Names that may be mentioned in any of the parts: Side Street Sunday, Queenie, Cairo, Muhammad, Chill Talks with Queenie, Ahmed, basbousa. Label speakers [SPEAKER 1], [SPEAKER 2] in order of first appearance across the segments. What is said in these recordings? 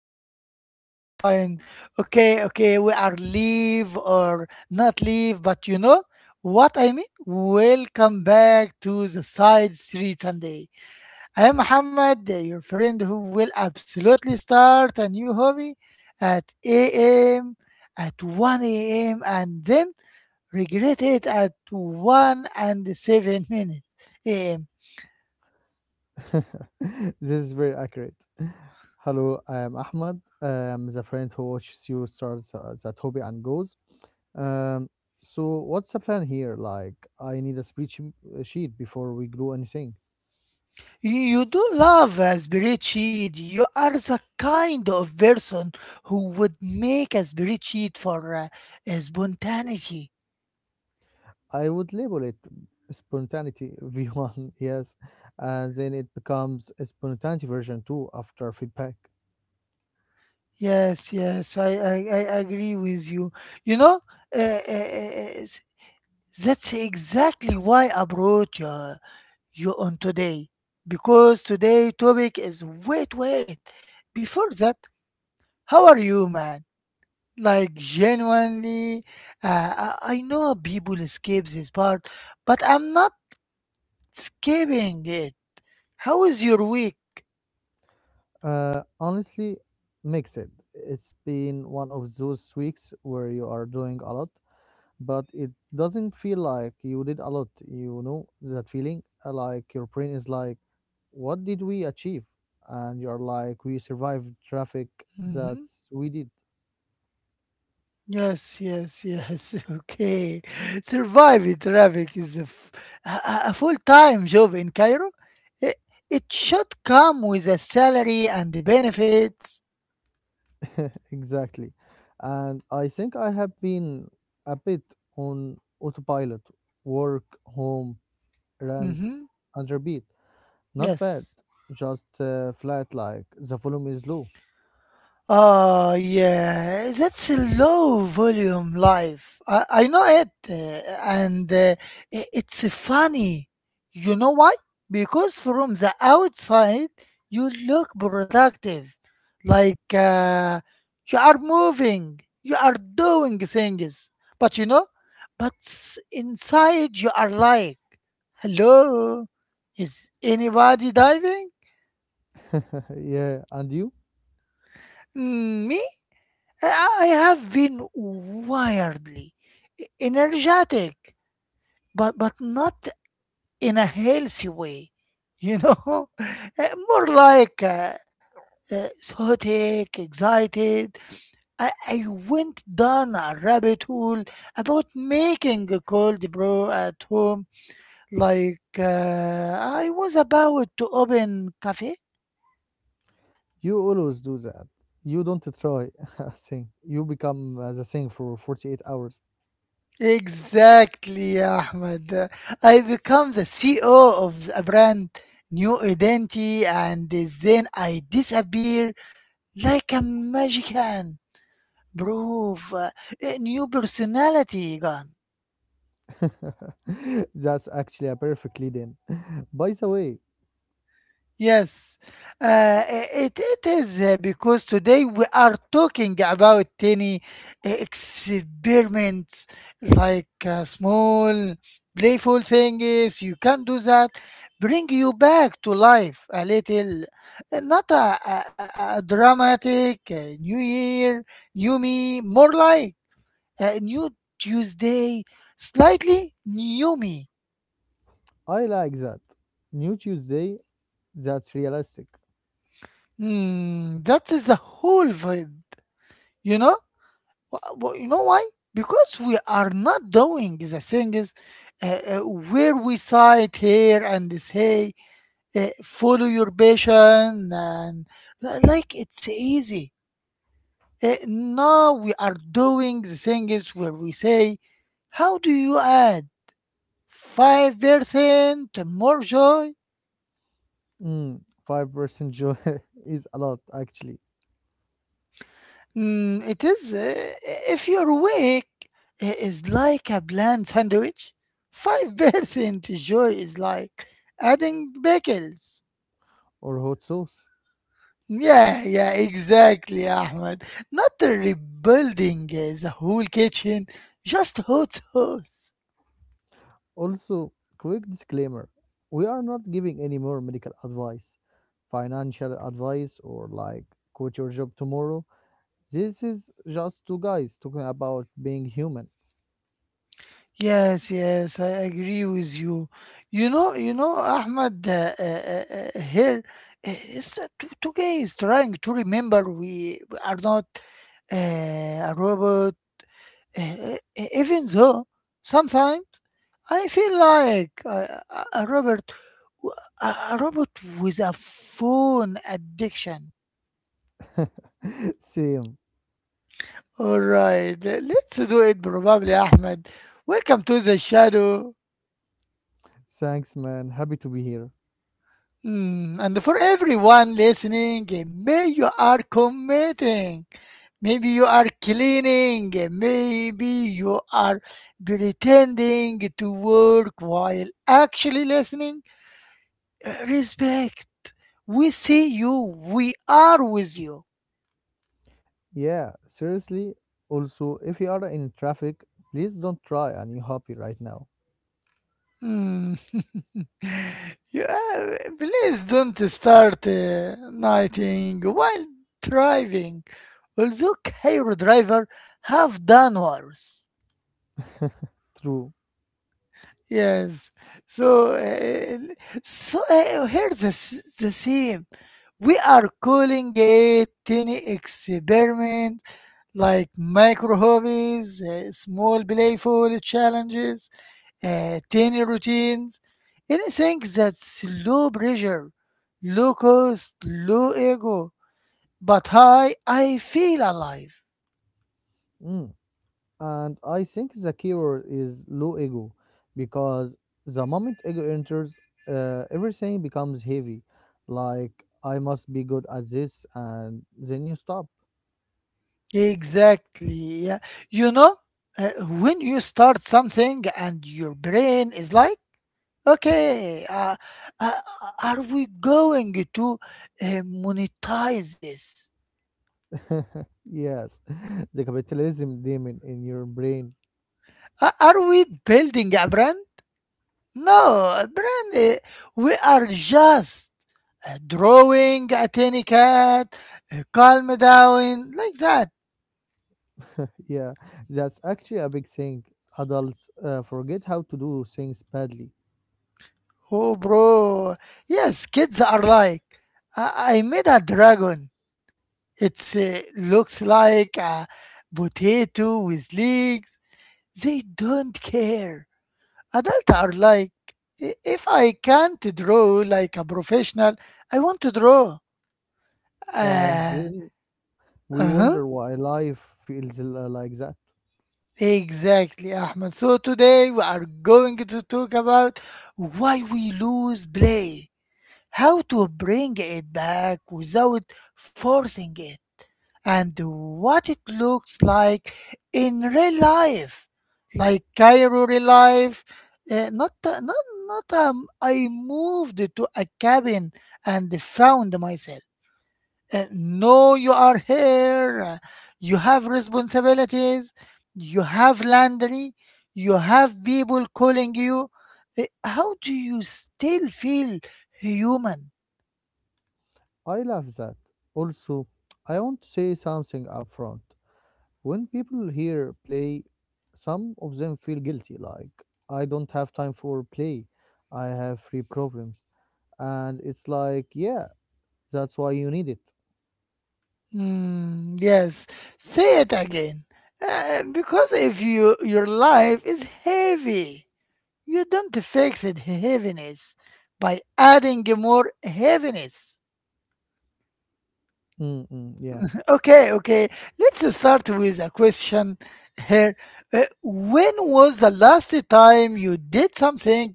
[SPEAKER 1] fine.
[SPEAKER 2] I'm fine. Okay, okay, we are leave or not leave, but you know what I mean? Welcome back to the Side Street Sunday. I am Muhammad, your friend who will absolutely start a new hobby at 8 a.m., at 1 a.m., and then regret it at 1 and 7 minutes a.m.
[SPEAKER 1] This is very accurate. Hello, I am Ahmad. I'm the friend who watches you start the hobby and goes. Um, so what's the plan here? Like, I need a speech sheet before we do anything.
[SPEAKER 2] You do love a spreadsheet. You are the kind of person who would make a spreadsheet for spontaneity.
[SPEAKER 1] I would label it spontaneity V1, yes, and then it becomes a spontaneity version 2 after feedback.
[SPEAKER 2] Yes, yes, I agree with you. You know, uh, uh, uh, That's exactly why I brought you on today. Because today topic is wait, wait. Before that, how are you, man? Like genuinely, uh, I know people escape this part, but I'm not escaping it. How is your week?
[SPEAKER 1] Honestly, mix it. It's been one of those weeks where you are doing a lot, but it doesn't feel like you did a lot. You know that feeling? Like your brain is like, what did we achieve? And you're like, we survived traffic.
[SPEAKER 2] Mm-hmm.
[SPEAKER 1] That's we did.
[SPEAKER 2] Yes, yes, yes. Okay. Surviving traffic is a, f- a full-time job in Cairo. It, it should come with a salary and the benefits.
[SPEAKER 1] Exactly. And I think I have been a bit on autopilot, work, home, rents,
[SPEAKER 2] Hmm.
[SPEAKER 1] and repeat. Not bad,
[SPEAKER 2] Yes.
[SPEAKER 1] just flat like the volume is low.
[SPEAKER 2] Oh, yeah, that's a low volume life. I know it, and it's funny. You know why? Because from the outside, you look productive, like you are moving, you are doing things, but you know, but inside, you are like, hello, is anybody diving?
[SPEAKER 1] Yeah, and you?
[SPEAKER 2] Mm, me? I have been wildly energetic, but not in a healthy way, you know, More like psychotic, excited. I went down a rabbit hole about making a cold brew at home, like I was about to open cafe.
[SPEAKER 1] You always do that. You don't try a thing. You become the thing for 48 hours.
[SPEAKER 2] Exactly, Ahmed. I become the CEO of a brand new identity and then I disappear like a magic hand. Proof, a new personality gone.
[SPEAKER 1] That's actually a perfect lead in. By the way,
[SPEAKER 2] Yes, uh, it is because today we are talking about tiny experiments like small playful things. You can do that, bring you back to life a little, not a dramatic new year, new me, more like a new Tuesday, slightly new me.
[SPEAKER 1] I like that. New Tuesday, that's realistic.
[SPEAKER 2] Hmm, that is the whole vibe, you know. You know why? Because we are not doing the things uh, uh, where we cite here and say, follow your passion, and like it's easy. Now we are doing the things where we say, how do you add 5% more joy.
[SPEAKER 1] Mm, 5% joy is a lot, actually.
[SPEAKER 2] Mm, it is, if you're awake, it is like a bland sandwich. 5% joy is like adding pickles.
[SPEAKER 1] Or hot sauce.
[SPEAKER 2] Yeah, yeah, exactly, Ahmed. Not rebuilding the whole kitchen, just hot sauce.
[SPEAKER 1] Also, quick disclaimer we are not giving any more medical advice, financial advice, or like quit your job tomorrow. This is just two guys talking about being human.
[SPEAKER 2] Yes, yes, I agree with you. Ahmed, here is that today is trying to remember we are not a robot. Even though sometimes I feel like a robot, a robot with a phone addiction.
[SPEAKER 1] Same.
[SPEAKER 2] All right, let's do it, probably, Ahmed. Welcome to the shadow.
[SPEAKER 1] Thanks, man. Happy to be here.
[SPEAKER 2] And for everyone listening, may you are committing, maybe you are cleaning, maybe you are pretending to work while actually listening. Respect. We see you. We are with you.
[SPEAKER 1] Yeah, seriously. Also, if you are in traffic, please don't try and you happy right now.
[SPEAKER 2] Hmm. Yeah, please don't start nighting while driving. Although Cairo driver have done worse.
[SPEAKER 1] True.
[SPEAKER 2] Yes. So, uh, so, here's the same. We are calling it tiny experiment, like micro hobbies, small playful challenges, tiny routines, anything that's low pressure, low cost, low ego, but high, I feel alive.
[SPEAKER 1] Mm. And I think the keyword is low ego because the moment ego enters, everything becomes heavy. Like, I must be good at this, and then you stop.
[SPEAKER 2] Exactly. Yeah. You know, when you start something and your brain is like, okay, uh, are we going to monetize this?
[SPEAKER 1] Yes, the capitalism demon in your brain.
[SPEAKER 2] Are we building a brand? No, a brand, we are just drawing a tiny cat, calm down, like that.
[SPEAKER 1] Yeah, that's actually a big thing. Adults forget how to do things badly,
[SPEAKER 2] Oh, bro. Yes, kids are like, I made a dragon. It looks like a potato with legs. They don't care. Adults are like, if I can't draw like a professional, I want to draw."
[SPEAKER 1] and
[SPEAKER 2] Uh,
[SPEAKER 1] then we
[SPEAKER 2] uh-huh.
[SPEAKER 1] wonder why life feels like that.
[SPEAKER 2] Exactly, Ahmed. So today we are going to talk about why we lose play, how to bring it back without forcing it, and what it looks like in real life, like Cairo real life. Not not, "I moved to a cabin and found myself." No, you are here. You have responsibilities. You have laundry. You have people calling you. How do you still feel human?
[SPEAKER 1] I love that. Also, I want to say something upfront. When people hear play, some of them feel guilty, like, I don't have time for play, I have free problems. And it's like, yeah, that's why you need it.
[SPEAKER 2] Mm, yes, say it again. Because if your life is heavy, you don't fix it heaviness by adding more heaviness.
[SPEAKER 1] Mm-mm, yeah.
[SPEAKER 2] Okay, okay. Let's start with a question here. When was the last time you did something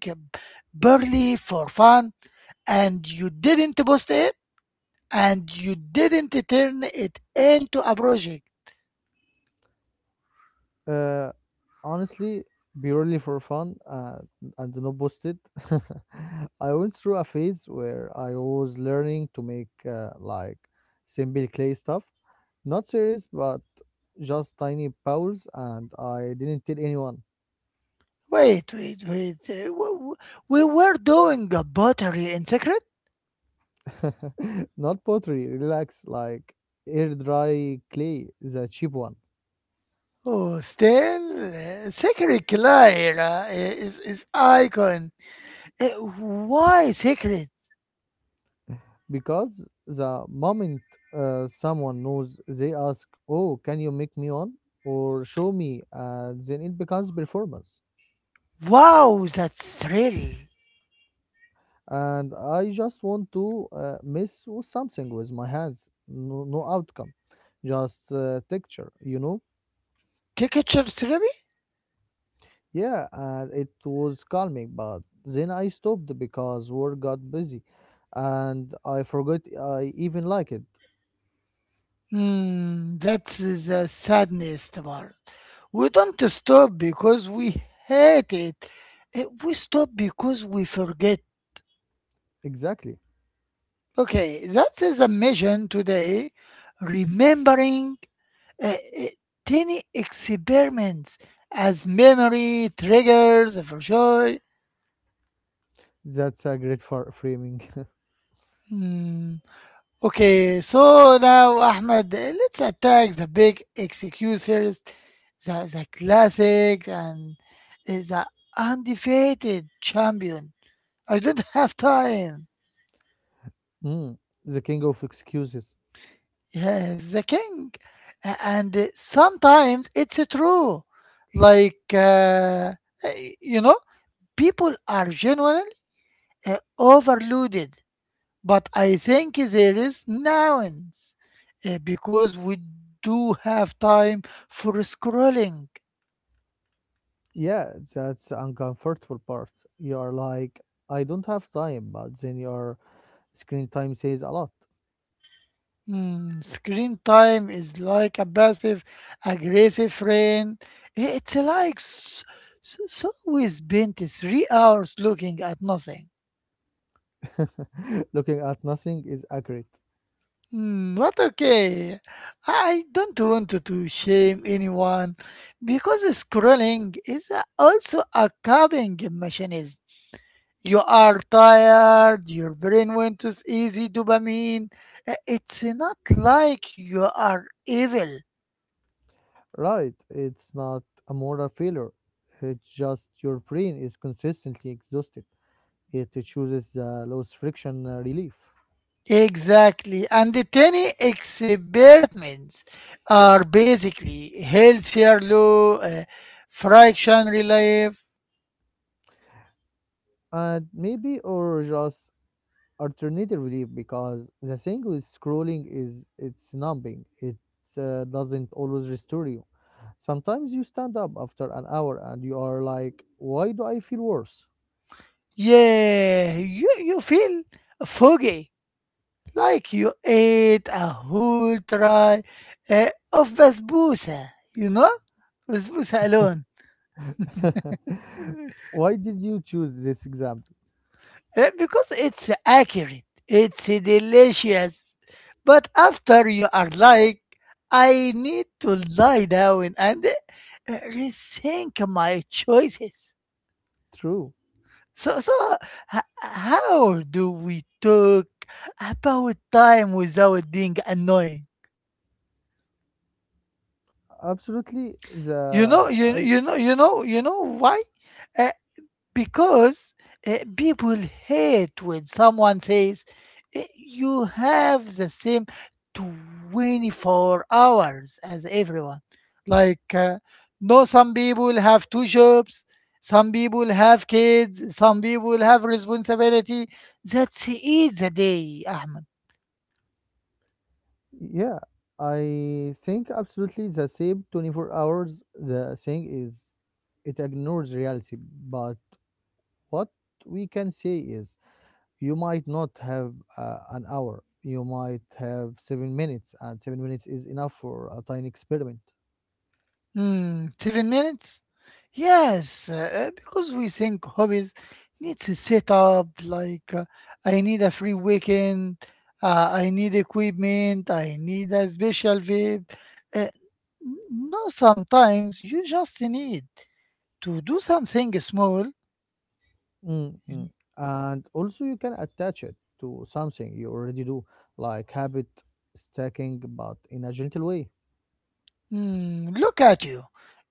[SPEAKER 2] barely for fun and you didn't post it and you didn't turn it into a project?
[SPEAKER 1] Uh, Honestly, purely for fun and not boosted, I went through a phase where I was learning to make like simple clay stuff. Not serious, but just tiny bowls, and I didn't tell anyone.
[SPEAKER 2] Wait, wait, wait. We were doing a pottery in secret?
[SPEAKER 1] Not pottery, relax, like air dry clay, the cheap one.
[SPEAKER 2] Oh, still? Secret Clara is icon. Uh, Why secret?
[SPEAKER 1] Because the moment someone knows, they ask, oh, can you make me one? Or show me, and then it becomes performance.
[SPEAKER 2] Wow, that's really.
[SPEAKER 1] And I just want to mess with something with my hands, no, no outcome, just texture,
[SPEAKER 2] Ticketshare therapy?
[SPEAKER 1] Yeah, and it was calming, but then I stopped because work got busy and I forgot I even like it.
[SPEAKER 2] Hmm, that's the saddest part. We don't stop because we hate it. We stop because we forget.
[SPEAKER 1] Exactly.
[SPEAKER 2] Okay, that is a mission today. Remembering uh, uh, tiny experiments as memory triggers for sure.
[SPEAKER 1] That's a great for framing.
[SPEAKER 2] Hmm. Okay, so now Ahmed, let's attack the big excuse first, the classic and the undefeated champion. I don't have time.
[SPEAKER 1] Mm, the king of excuses.
[SPEAKER 2] Yes, the king, and sometimes it's true. Like uh, you know, people are genuine overloaded, but I think there is nuance because we do have time for scrolling.
[SPEAKER 1] Yeah, that's the uncomfortable part. You are like, I don't have time, but then your screen time says a lot.
[SPEAKER 2] Screen time is like a passive aggressive friend. It's like so we spent 3 hours looking at nothing.
[SPEAKER 1] Looking at nothing is accurate.
[SPEAKER 2] But okay, I don't want to shame anyone because scrolling is also a coping mechanism. You are tired, your brain went to easy dopamine. It's not like you are evil.
[SPEAKER 1] Right, it's not a moral failure. It's just your brain is consistently exhausted. It chooses the lowest friction relief.
[SPEAKER 2] Exactly. And the tiny experiments are basically healthier low friction relief.
[SPEAKER 1] And maybe or just alternative relief because the thing with scrolling is it's numbing. It doesn't always restore you. Sometimes you stand up after an hour and you are like, why do I feel worse?
[SPEAKER 2] Yeah, you feel foggy, like you ate a whole tray of basbousa, you know, basbousa alone.
[SPEAKER 1] Why did you choose this example?
[SPEAKER 2] Because it's accurate, it's delicious. But after you are like, I need to lie down and rethink my choices.
[SPEAKER 1] True.
[SPEAKER 2] So, how do we talk about time without being annoying?
[SPEAKER 1] Absolutely. The
[SPEAKER 2] You know why? Uh, because people hate when someone says, "Eh, you have the same 24 hours as everyone." Like, no, some people have two jobs, some people have kids, some people have responsibility. That's it, the day, Ahmed.
[SPEAKER 1] yeah, I think absolutely the same 24 hours. The thing is, it ignores reality. But what we can say is, you might not have an hour, you might have 7 minutes, and 7 minutes is enough for a tiny experiment.
[SPEAKER 2] Hmm. 7 minutes? Yes, because we think hobbies needs a setup. Like I need a free weekend, I need equipment, I need a special vibe. Uh, no, sometimes you just need to do something small.
[SPEAKER 1] Mm, mm. And also, you can attach it to something you already do, like habit stacking, but in a gentle way.
[SPEAKER 2] Hmm. Look at you,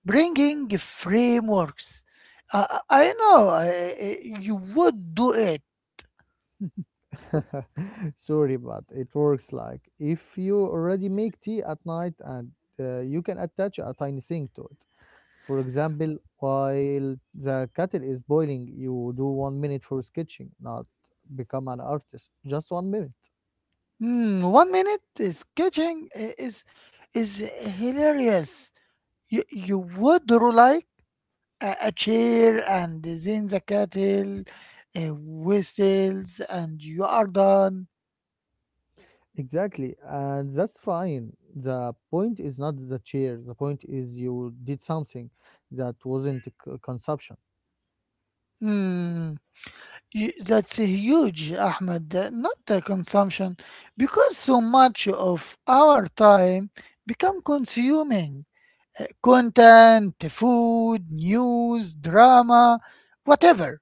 [SPEAKER 2] bringing frameworks. I know you would do it.
[SPEAKER 1] Sorry, but it works like if you already make tea at night and you can attach a tiny thing to it. For example, while the kettle is boiling, you do 1 minute for sketching, not become an artist, just 1 minute.
[SPEAKER 2] Hmm, 1 minute sketching is hilarious. You would draw like a chair and then the cattle, uh, whistles, and you are done.
[SPEAKER 1] Exactly, and that's fine. The point is not the chair. The point is you did something that wasn't consumption.
[SPEAKER 2] Hmm, that's a huge, Ahmed. Not the consumption, because so much of our time become consuming content, food, news, drama, whatever.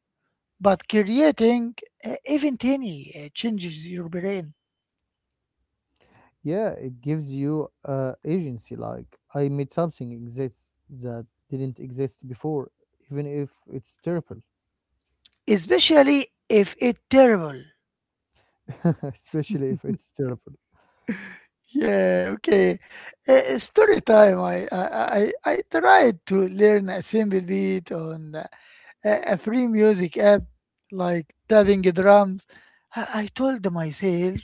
[SPEAKER 2] But creating even tiny changes your brain,
[SPEAKER 1] Yeah, it gives you agency. Like I made something exist that didn't exist before, even if it's terrible.
[SPEAKER 2] especially if it's terrible.
[SPEAKER 1] Especially if it's terrible.
[SPEAKER 2] Yeah, okay. Story time. I tried to learn a simple beat on a free music app like tapping drums. I told myself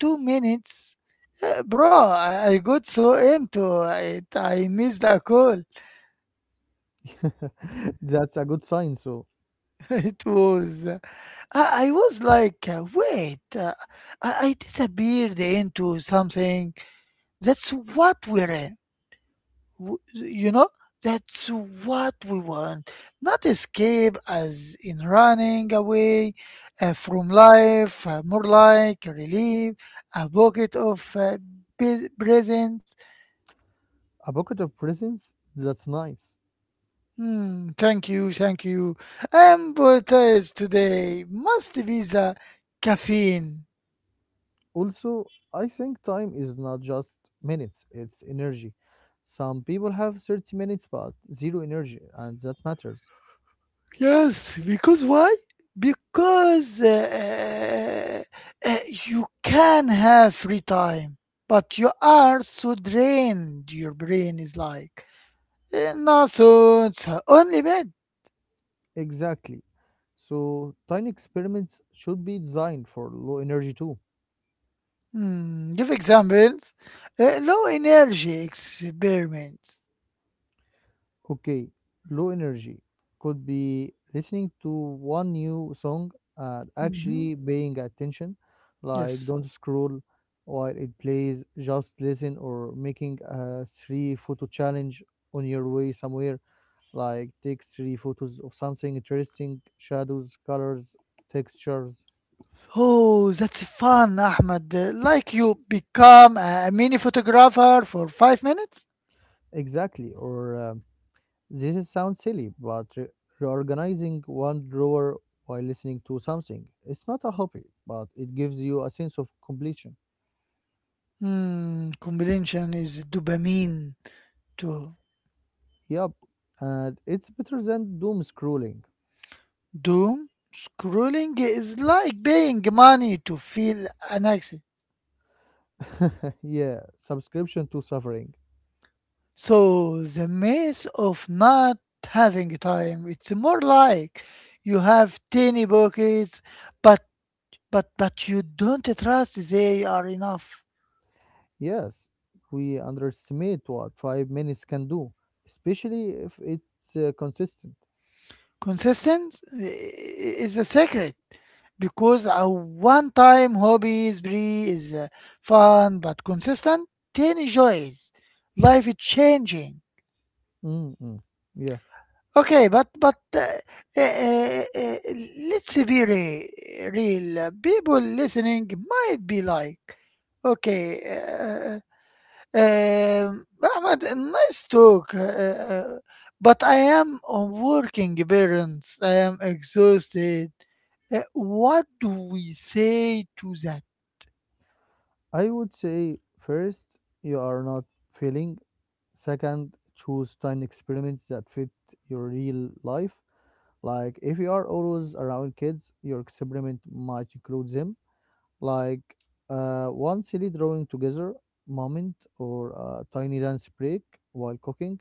[SPEAKER 2] 2 minutes, bro. I got so into it. I missed a call.
[SPEAKER 1] That's a good sign. So,
[SPEAKER 2] It was. I was like, wait, I disappeared into something. That's what we're in. You know, that's what we want. Not escape as in running away from life, more like relief, a pocket of presence.
[SPEAKER 1] a bucket of presents, that's nice.
[SPEAKER 2] Hmm, thank you, thank you. I'm baptized today. Must be the caffeine.
[SPEAKER 1] Also, I think time is not just minutes, it's energy. Some people have 30 minutes but zero energy, and that matters.
[SPEAKER 2] Yes, because why? Because uh, uh, you can have free time, but you are so drained. Your brain is like, "Eh, no, so it's only bad."
[SPEAKER 1] Exactly. So tiny experiments should be designed for low energy too.
[SPEAKER 2] Hmm, give examples. Low energy experiments.
[SPEAKER 1] Okay, low energy could be listening to one new song and
[SPEAKER 2] Mhm.
[SPEAKER 1] actually paying attention, like
[SPEAKER 2] Yes.
[SPEAKER 1] don't scroll while it plays, just listen, or making a three photo challenge on your way somewhere, like take three photos of something interesting, shadows, colors, textures.
[SPEAKER 2] Oh, that's fun, Ahmed. Like you become a mini photographer for 5 minutes?
[SPEAKER 1] Exactly, or this is sounds silly, but reorganizing one drawer while listening to something, it's not a hobby, but it gives you a sense of completion.
[SPEAKER 2] Hmm, combination is dopamine to
[SPEAKER 1] Yup, and it's better than doom scrolling.
[SPEAKER 2] doom scrolling is like paying money to feel an accent.
[SPEAKER 1] Yeah, subscription to suffering.
[SPEAKER 2] So the maze of not having time, it's more like you have tiny pockets, but but you don't trust they are enough.
[SPEAKER 1] Yes, we underestimate what 5 minutes can do, especially if it's consistent.
[SPEAKER 2] Consistent is a secret because a one-time hobby is free, is fun, but consistent tiny joys, life is changing.
[SPEAKER 1] Mm-mm. Yeah,
[SPEAKER 2] Okay, but uh, uh, let's be real. People listening might be like, okay, um, Ahmad, nice talk, but I am a working parents. I am exhausted. What do we say to that?
[SPEAKER 1] I would say first, you are not feeling second, choose tiny experiments that fit your real life. Like if you are always around kids, your experiment might include them, like one silly drawing together moment or a tiny dance break while cooking.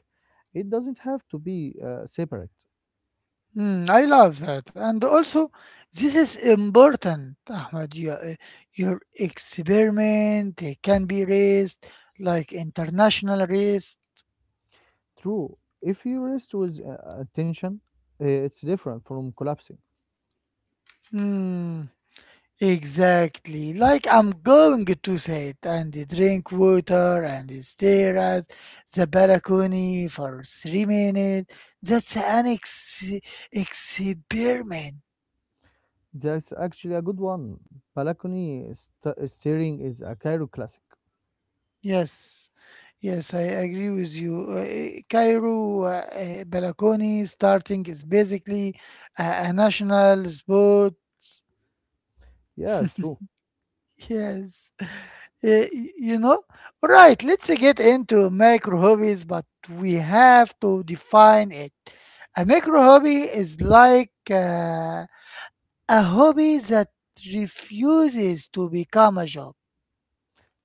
[SPEAKER 1] It doesn't have to be separate.
[SPEAKER 2] I love that. And also, this is important, Ahmed. Your experiment can be raised like international race.
[SPEAKER 1] True, if you rest with attention, it's different from collapsing.
[SPEAKER 2] Mm, exactly. Like I'm going to say it and drink water and stare at the balcony for 3 minutes. That's an ex experiment.
[SPEAKER 1] That's actually a good one. Balcony steering is a Cairo classic.
[SPEAKER 2] Yes, yes, I agree with you. Cairo Balakoni starting is basically a national sport.
[SPEAKER 1] Yeah, true.
[SPEAKER 2] Yes. Eh, y- you know. All right, let's get into micro hobbies, but we have to define it. A micro hobby is like a hobby that refuses to become a job.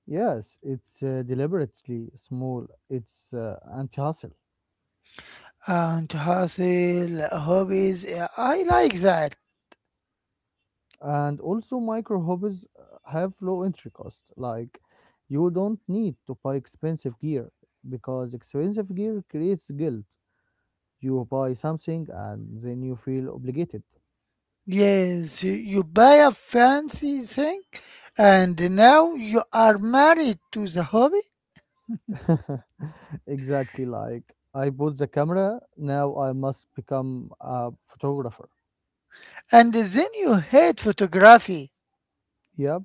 [SPEAKER 1] Yes, it's deliberately small, it's anti hustle.
[SPEAKER 2] And hustle hobbies, I like that.
[SPEAKER 1] And also, micro hobbies have low entry cost. Like, you don't need to buy expensive gear because expensive gear creates guilt. You buy something and then you feel obligated.
[SPEAKER 2] Yes, you buy a fancy thing, and now you are married to the hobby,
[SPEAKER 1] Exactly like I bought the camera, now I must become a photographer.
[SPEAKER 2] and then you hate photography.
[SPEAKER 1] Yep.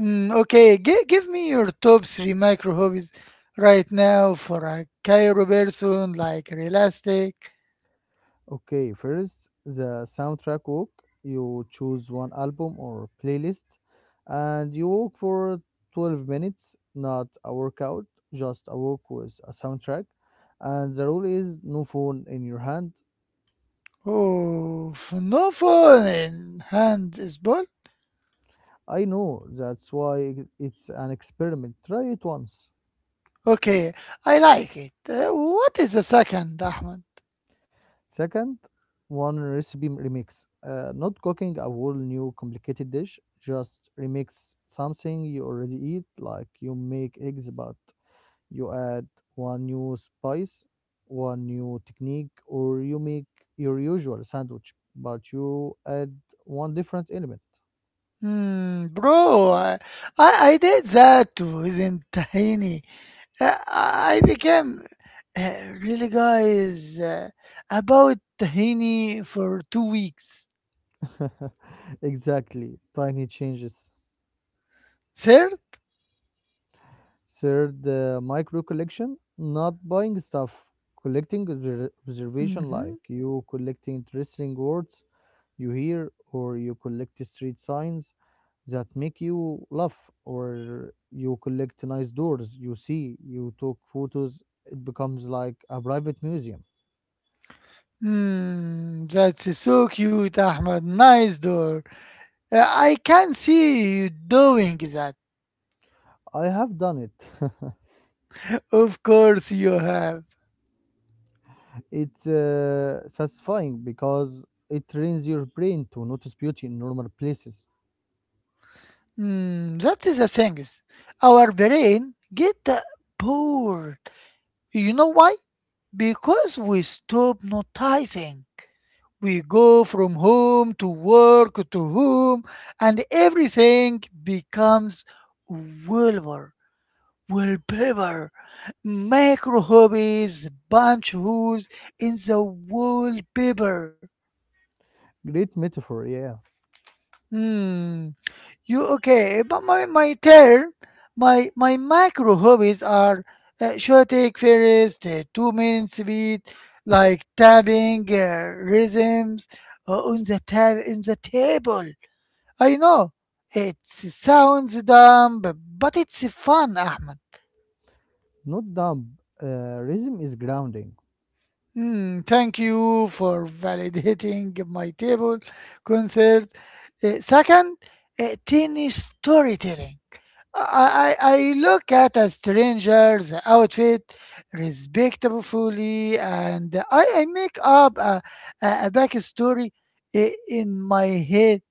[SPEAKER 2] Mm, okay, give me your top three micro hobbies right now for a Cairo person like realistic.
[SPEAKER 1] Okay, first the soundtrack walk. You choose one album or playlist and you walk for 12 minutes, not a workout, just a walk with a soundtrack. And the rule is no phone in your hand.
[SPEAKER 2] Oh, no phone in hand is ball.
[SPEAKER 1] I know that's why it's an experiment. Try it once.
[SPEAKER 2] Okay, I like it. What is the second, Ahmed?
[SPEAKER 1] Second, one recipe remix. Not cooking a whole new complicated dish, just remix something you already eat, like you make eggs, but you add one new spice, one new technique, or you make your usual sandwich, but you add one different element.
[SPEAKER 2] Hmm, bro, I did that too, isn't tiny. I became uh, really guys about tahini for 2 weeks.
[SPEAKER 1] Exactly, tiny changes.
[SPEAKER 2] Sir?
[SPEAKER 1] Third, the micro collection, not buying stuff, collecting observation like
[SPEAKER 2] Mm-hmm.
[SPEAKER 1] you collecting interesting words you hear or you collect street signs that make you laugh or you collect nice doors you see you took photos it becomes like a private museum
[SPEAKER 2] That's so cute, Ahmad. Nice door. I can see you doing that.
[SPEAKER 1] I have done it
[SPEAKER 2] Of course you have.
[SPEAKER 1] it's satisfying because it trains your brain to notice beauty in normal places
[SPEAKER 2] That is the thing. Our brain get bored. You know why? Because we stop noticing. We go from home to work to home, and everything becomes wallpaper, wallpaper, macro hobbies, bunch holes in the wallpaper.
[SPEAKER 1] great metaphor yeah
[SPEAKER 2] Hmm. You okay? But my turn. My macro hobbies are short take first, 2 minutes beat, like tabbing rhythms on the tab in the table. I know. It sounds dumb, but it's fun, Ahmed.
[SPEAKER 1] not dumb rhythm is grounding
[SPEAKER 2] Thank you for validating my table concert. Second, tiny storytelling. I look at a stranger's outfit respectfully and I make up a backstory in my head,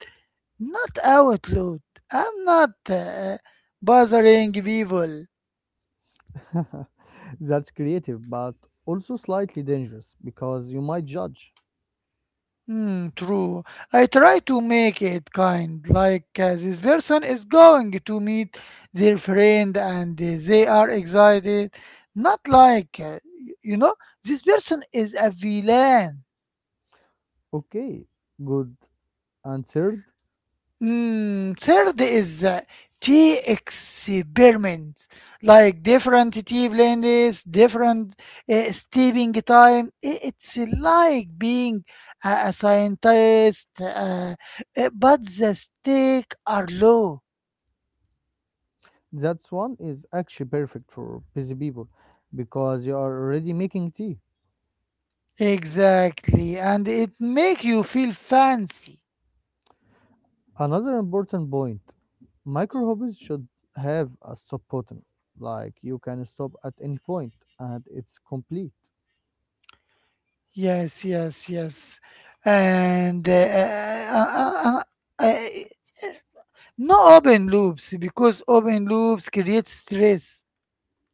[SPEAKER 2] not out loud. I'm not bothering people.
[SPEAKER 1] That's creative, but also slightly dangerous because you might judge.
[SPEAKER 2] Hmm, true. I try to make it kind, like this person is going to meet their friend and they are excited. Not like, y- you know, this person is a villain.
[SPEAKER 1] Okay, good. And third,
[SPEAKER 2] Third is tea experiments, like different tea blends, different steeping time. It's like being a scientist, but the stakes are low.
[SPEAKER 1] that one is actually perfect for busy people because you are already making tea.
[SPEAKER 2] Exactly, and it make you feel fancy.
[SPEAKER 1] Another important point micro hobbies should have a stop button, like you can stop at any point and it's complete.
[SPEAKER 2] Yes, yes, yes, and uh, uh, no open loops because open loops create stress,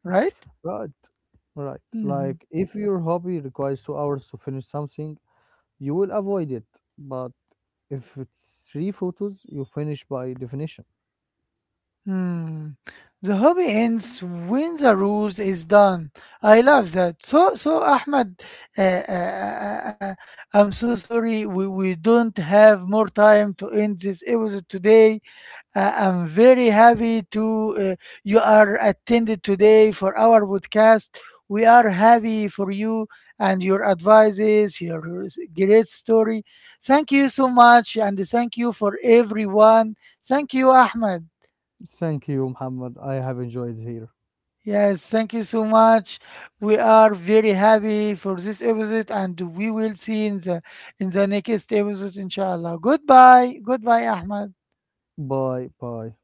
[SPEAKER 2] right?
[SPEAKER 1] Right, right.
[SPEAKER 2] Mhm.
[SPEAKER 1] Like if your hobby requires 2 hours to finish something, you will avoid it. But if it's three photos, you finish by definition.
[SPEAKER 2] Hmm. The hobby ends when the rules is done. I love that. So, Ahmed, uh, uh, uh, uh, uh, I'm so sorry. We don't have more time to end this episode today. I'm very happy to uh, you are attended today for our podcast. We are happy for you and your advices, your great story. Thank you so much, and thank you for everyone. Thank you, Ahmed.
[SPEAKER 1] Thank you, Muhammad. I have enjoyed here.
[SPEAKER 2] Yes, thank you so much. We are very happy for this episode, and we will see in the next episode, inshallah. Goodbye, goodbye, Ahmed.
[SPEAKER 1] Bye bye.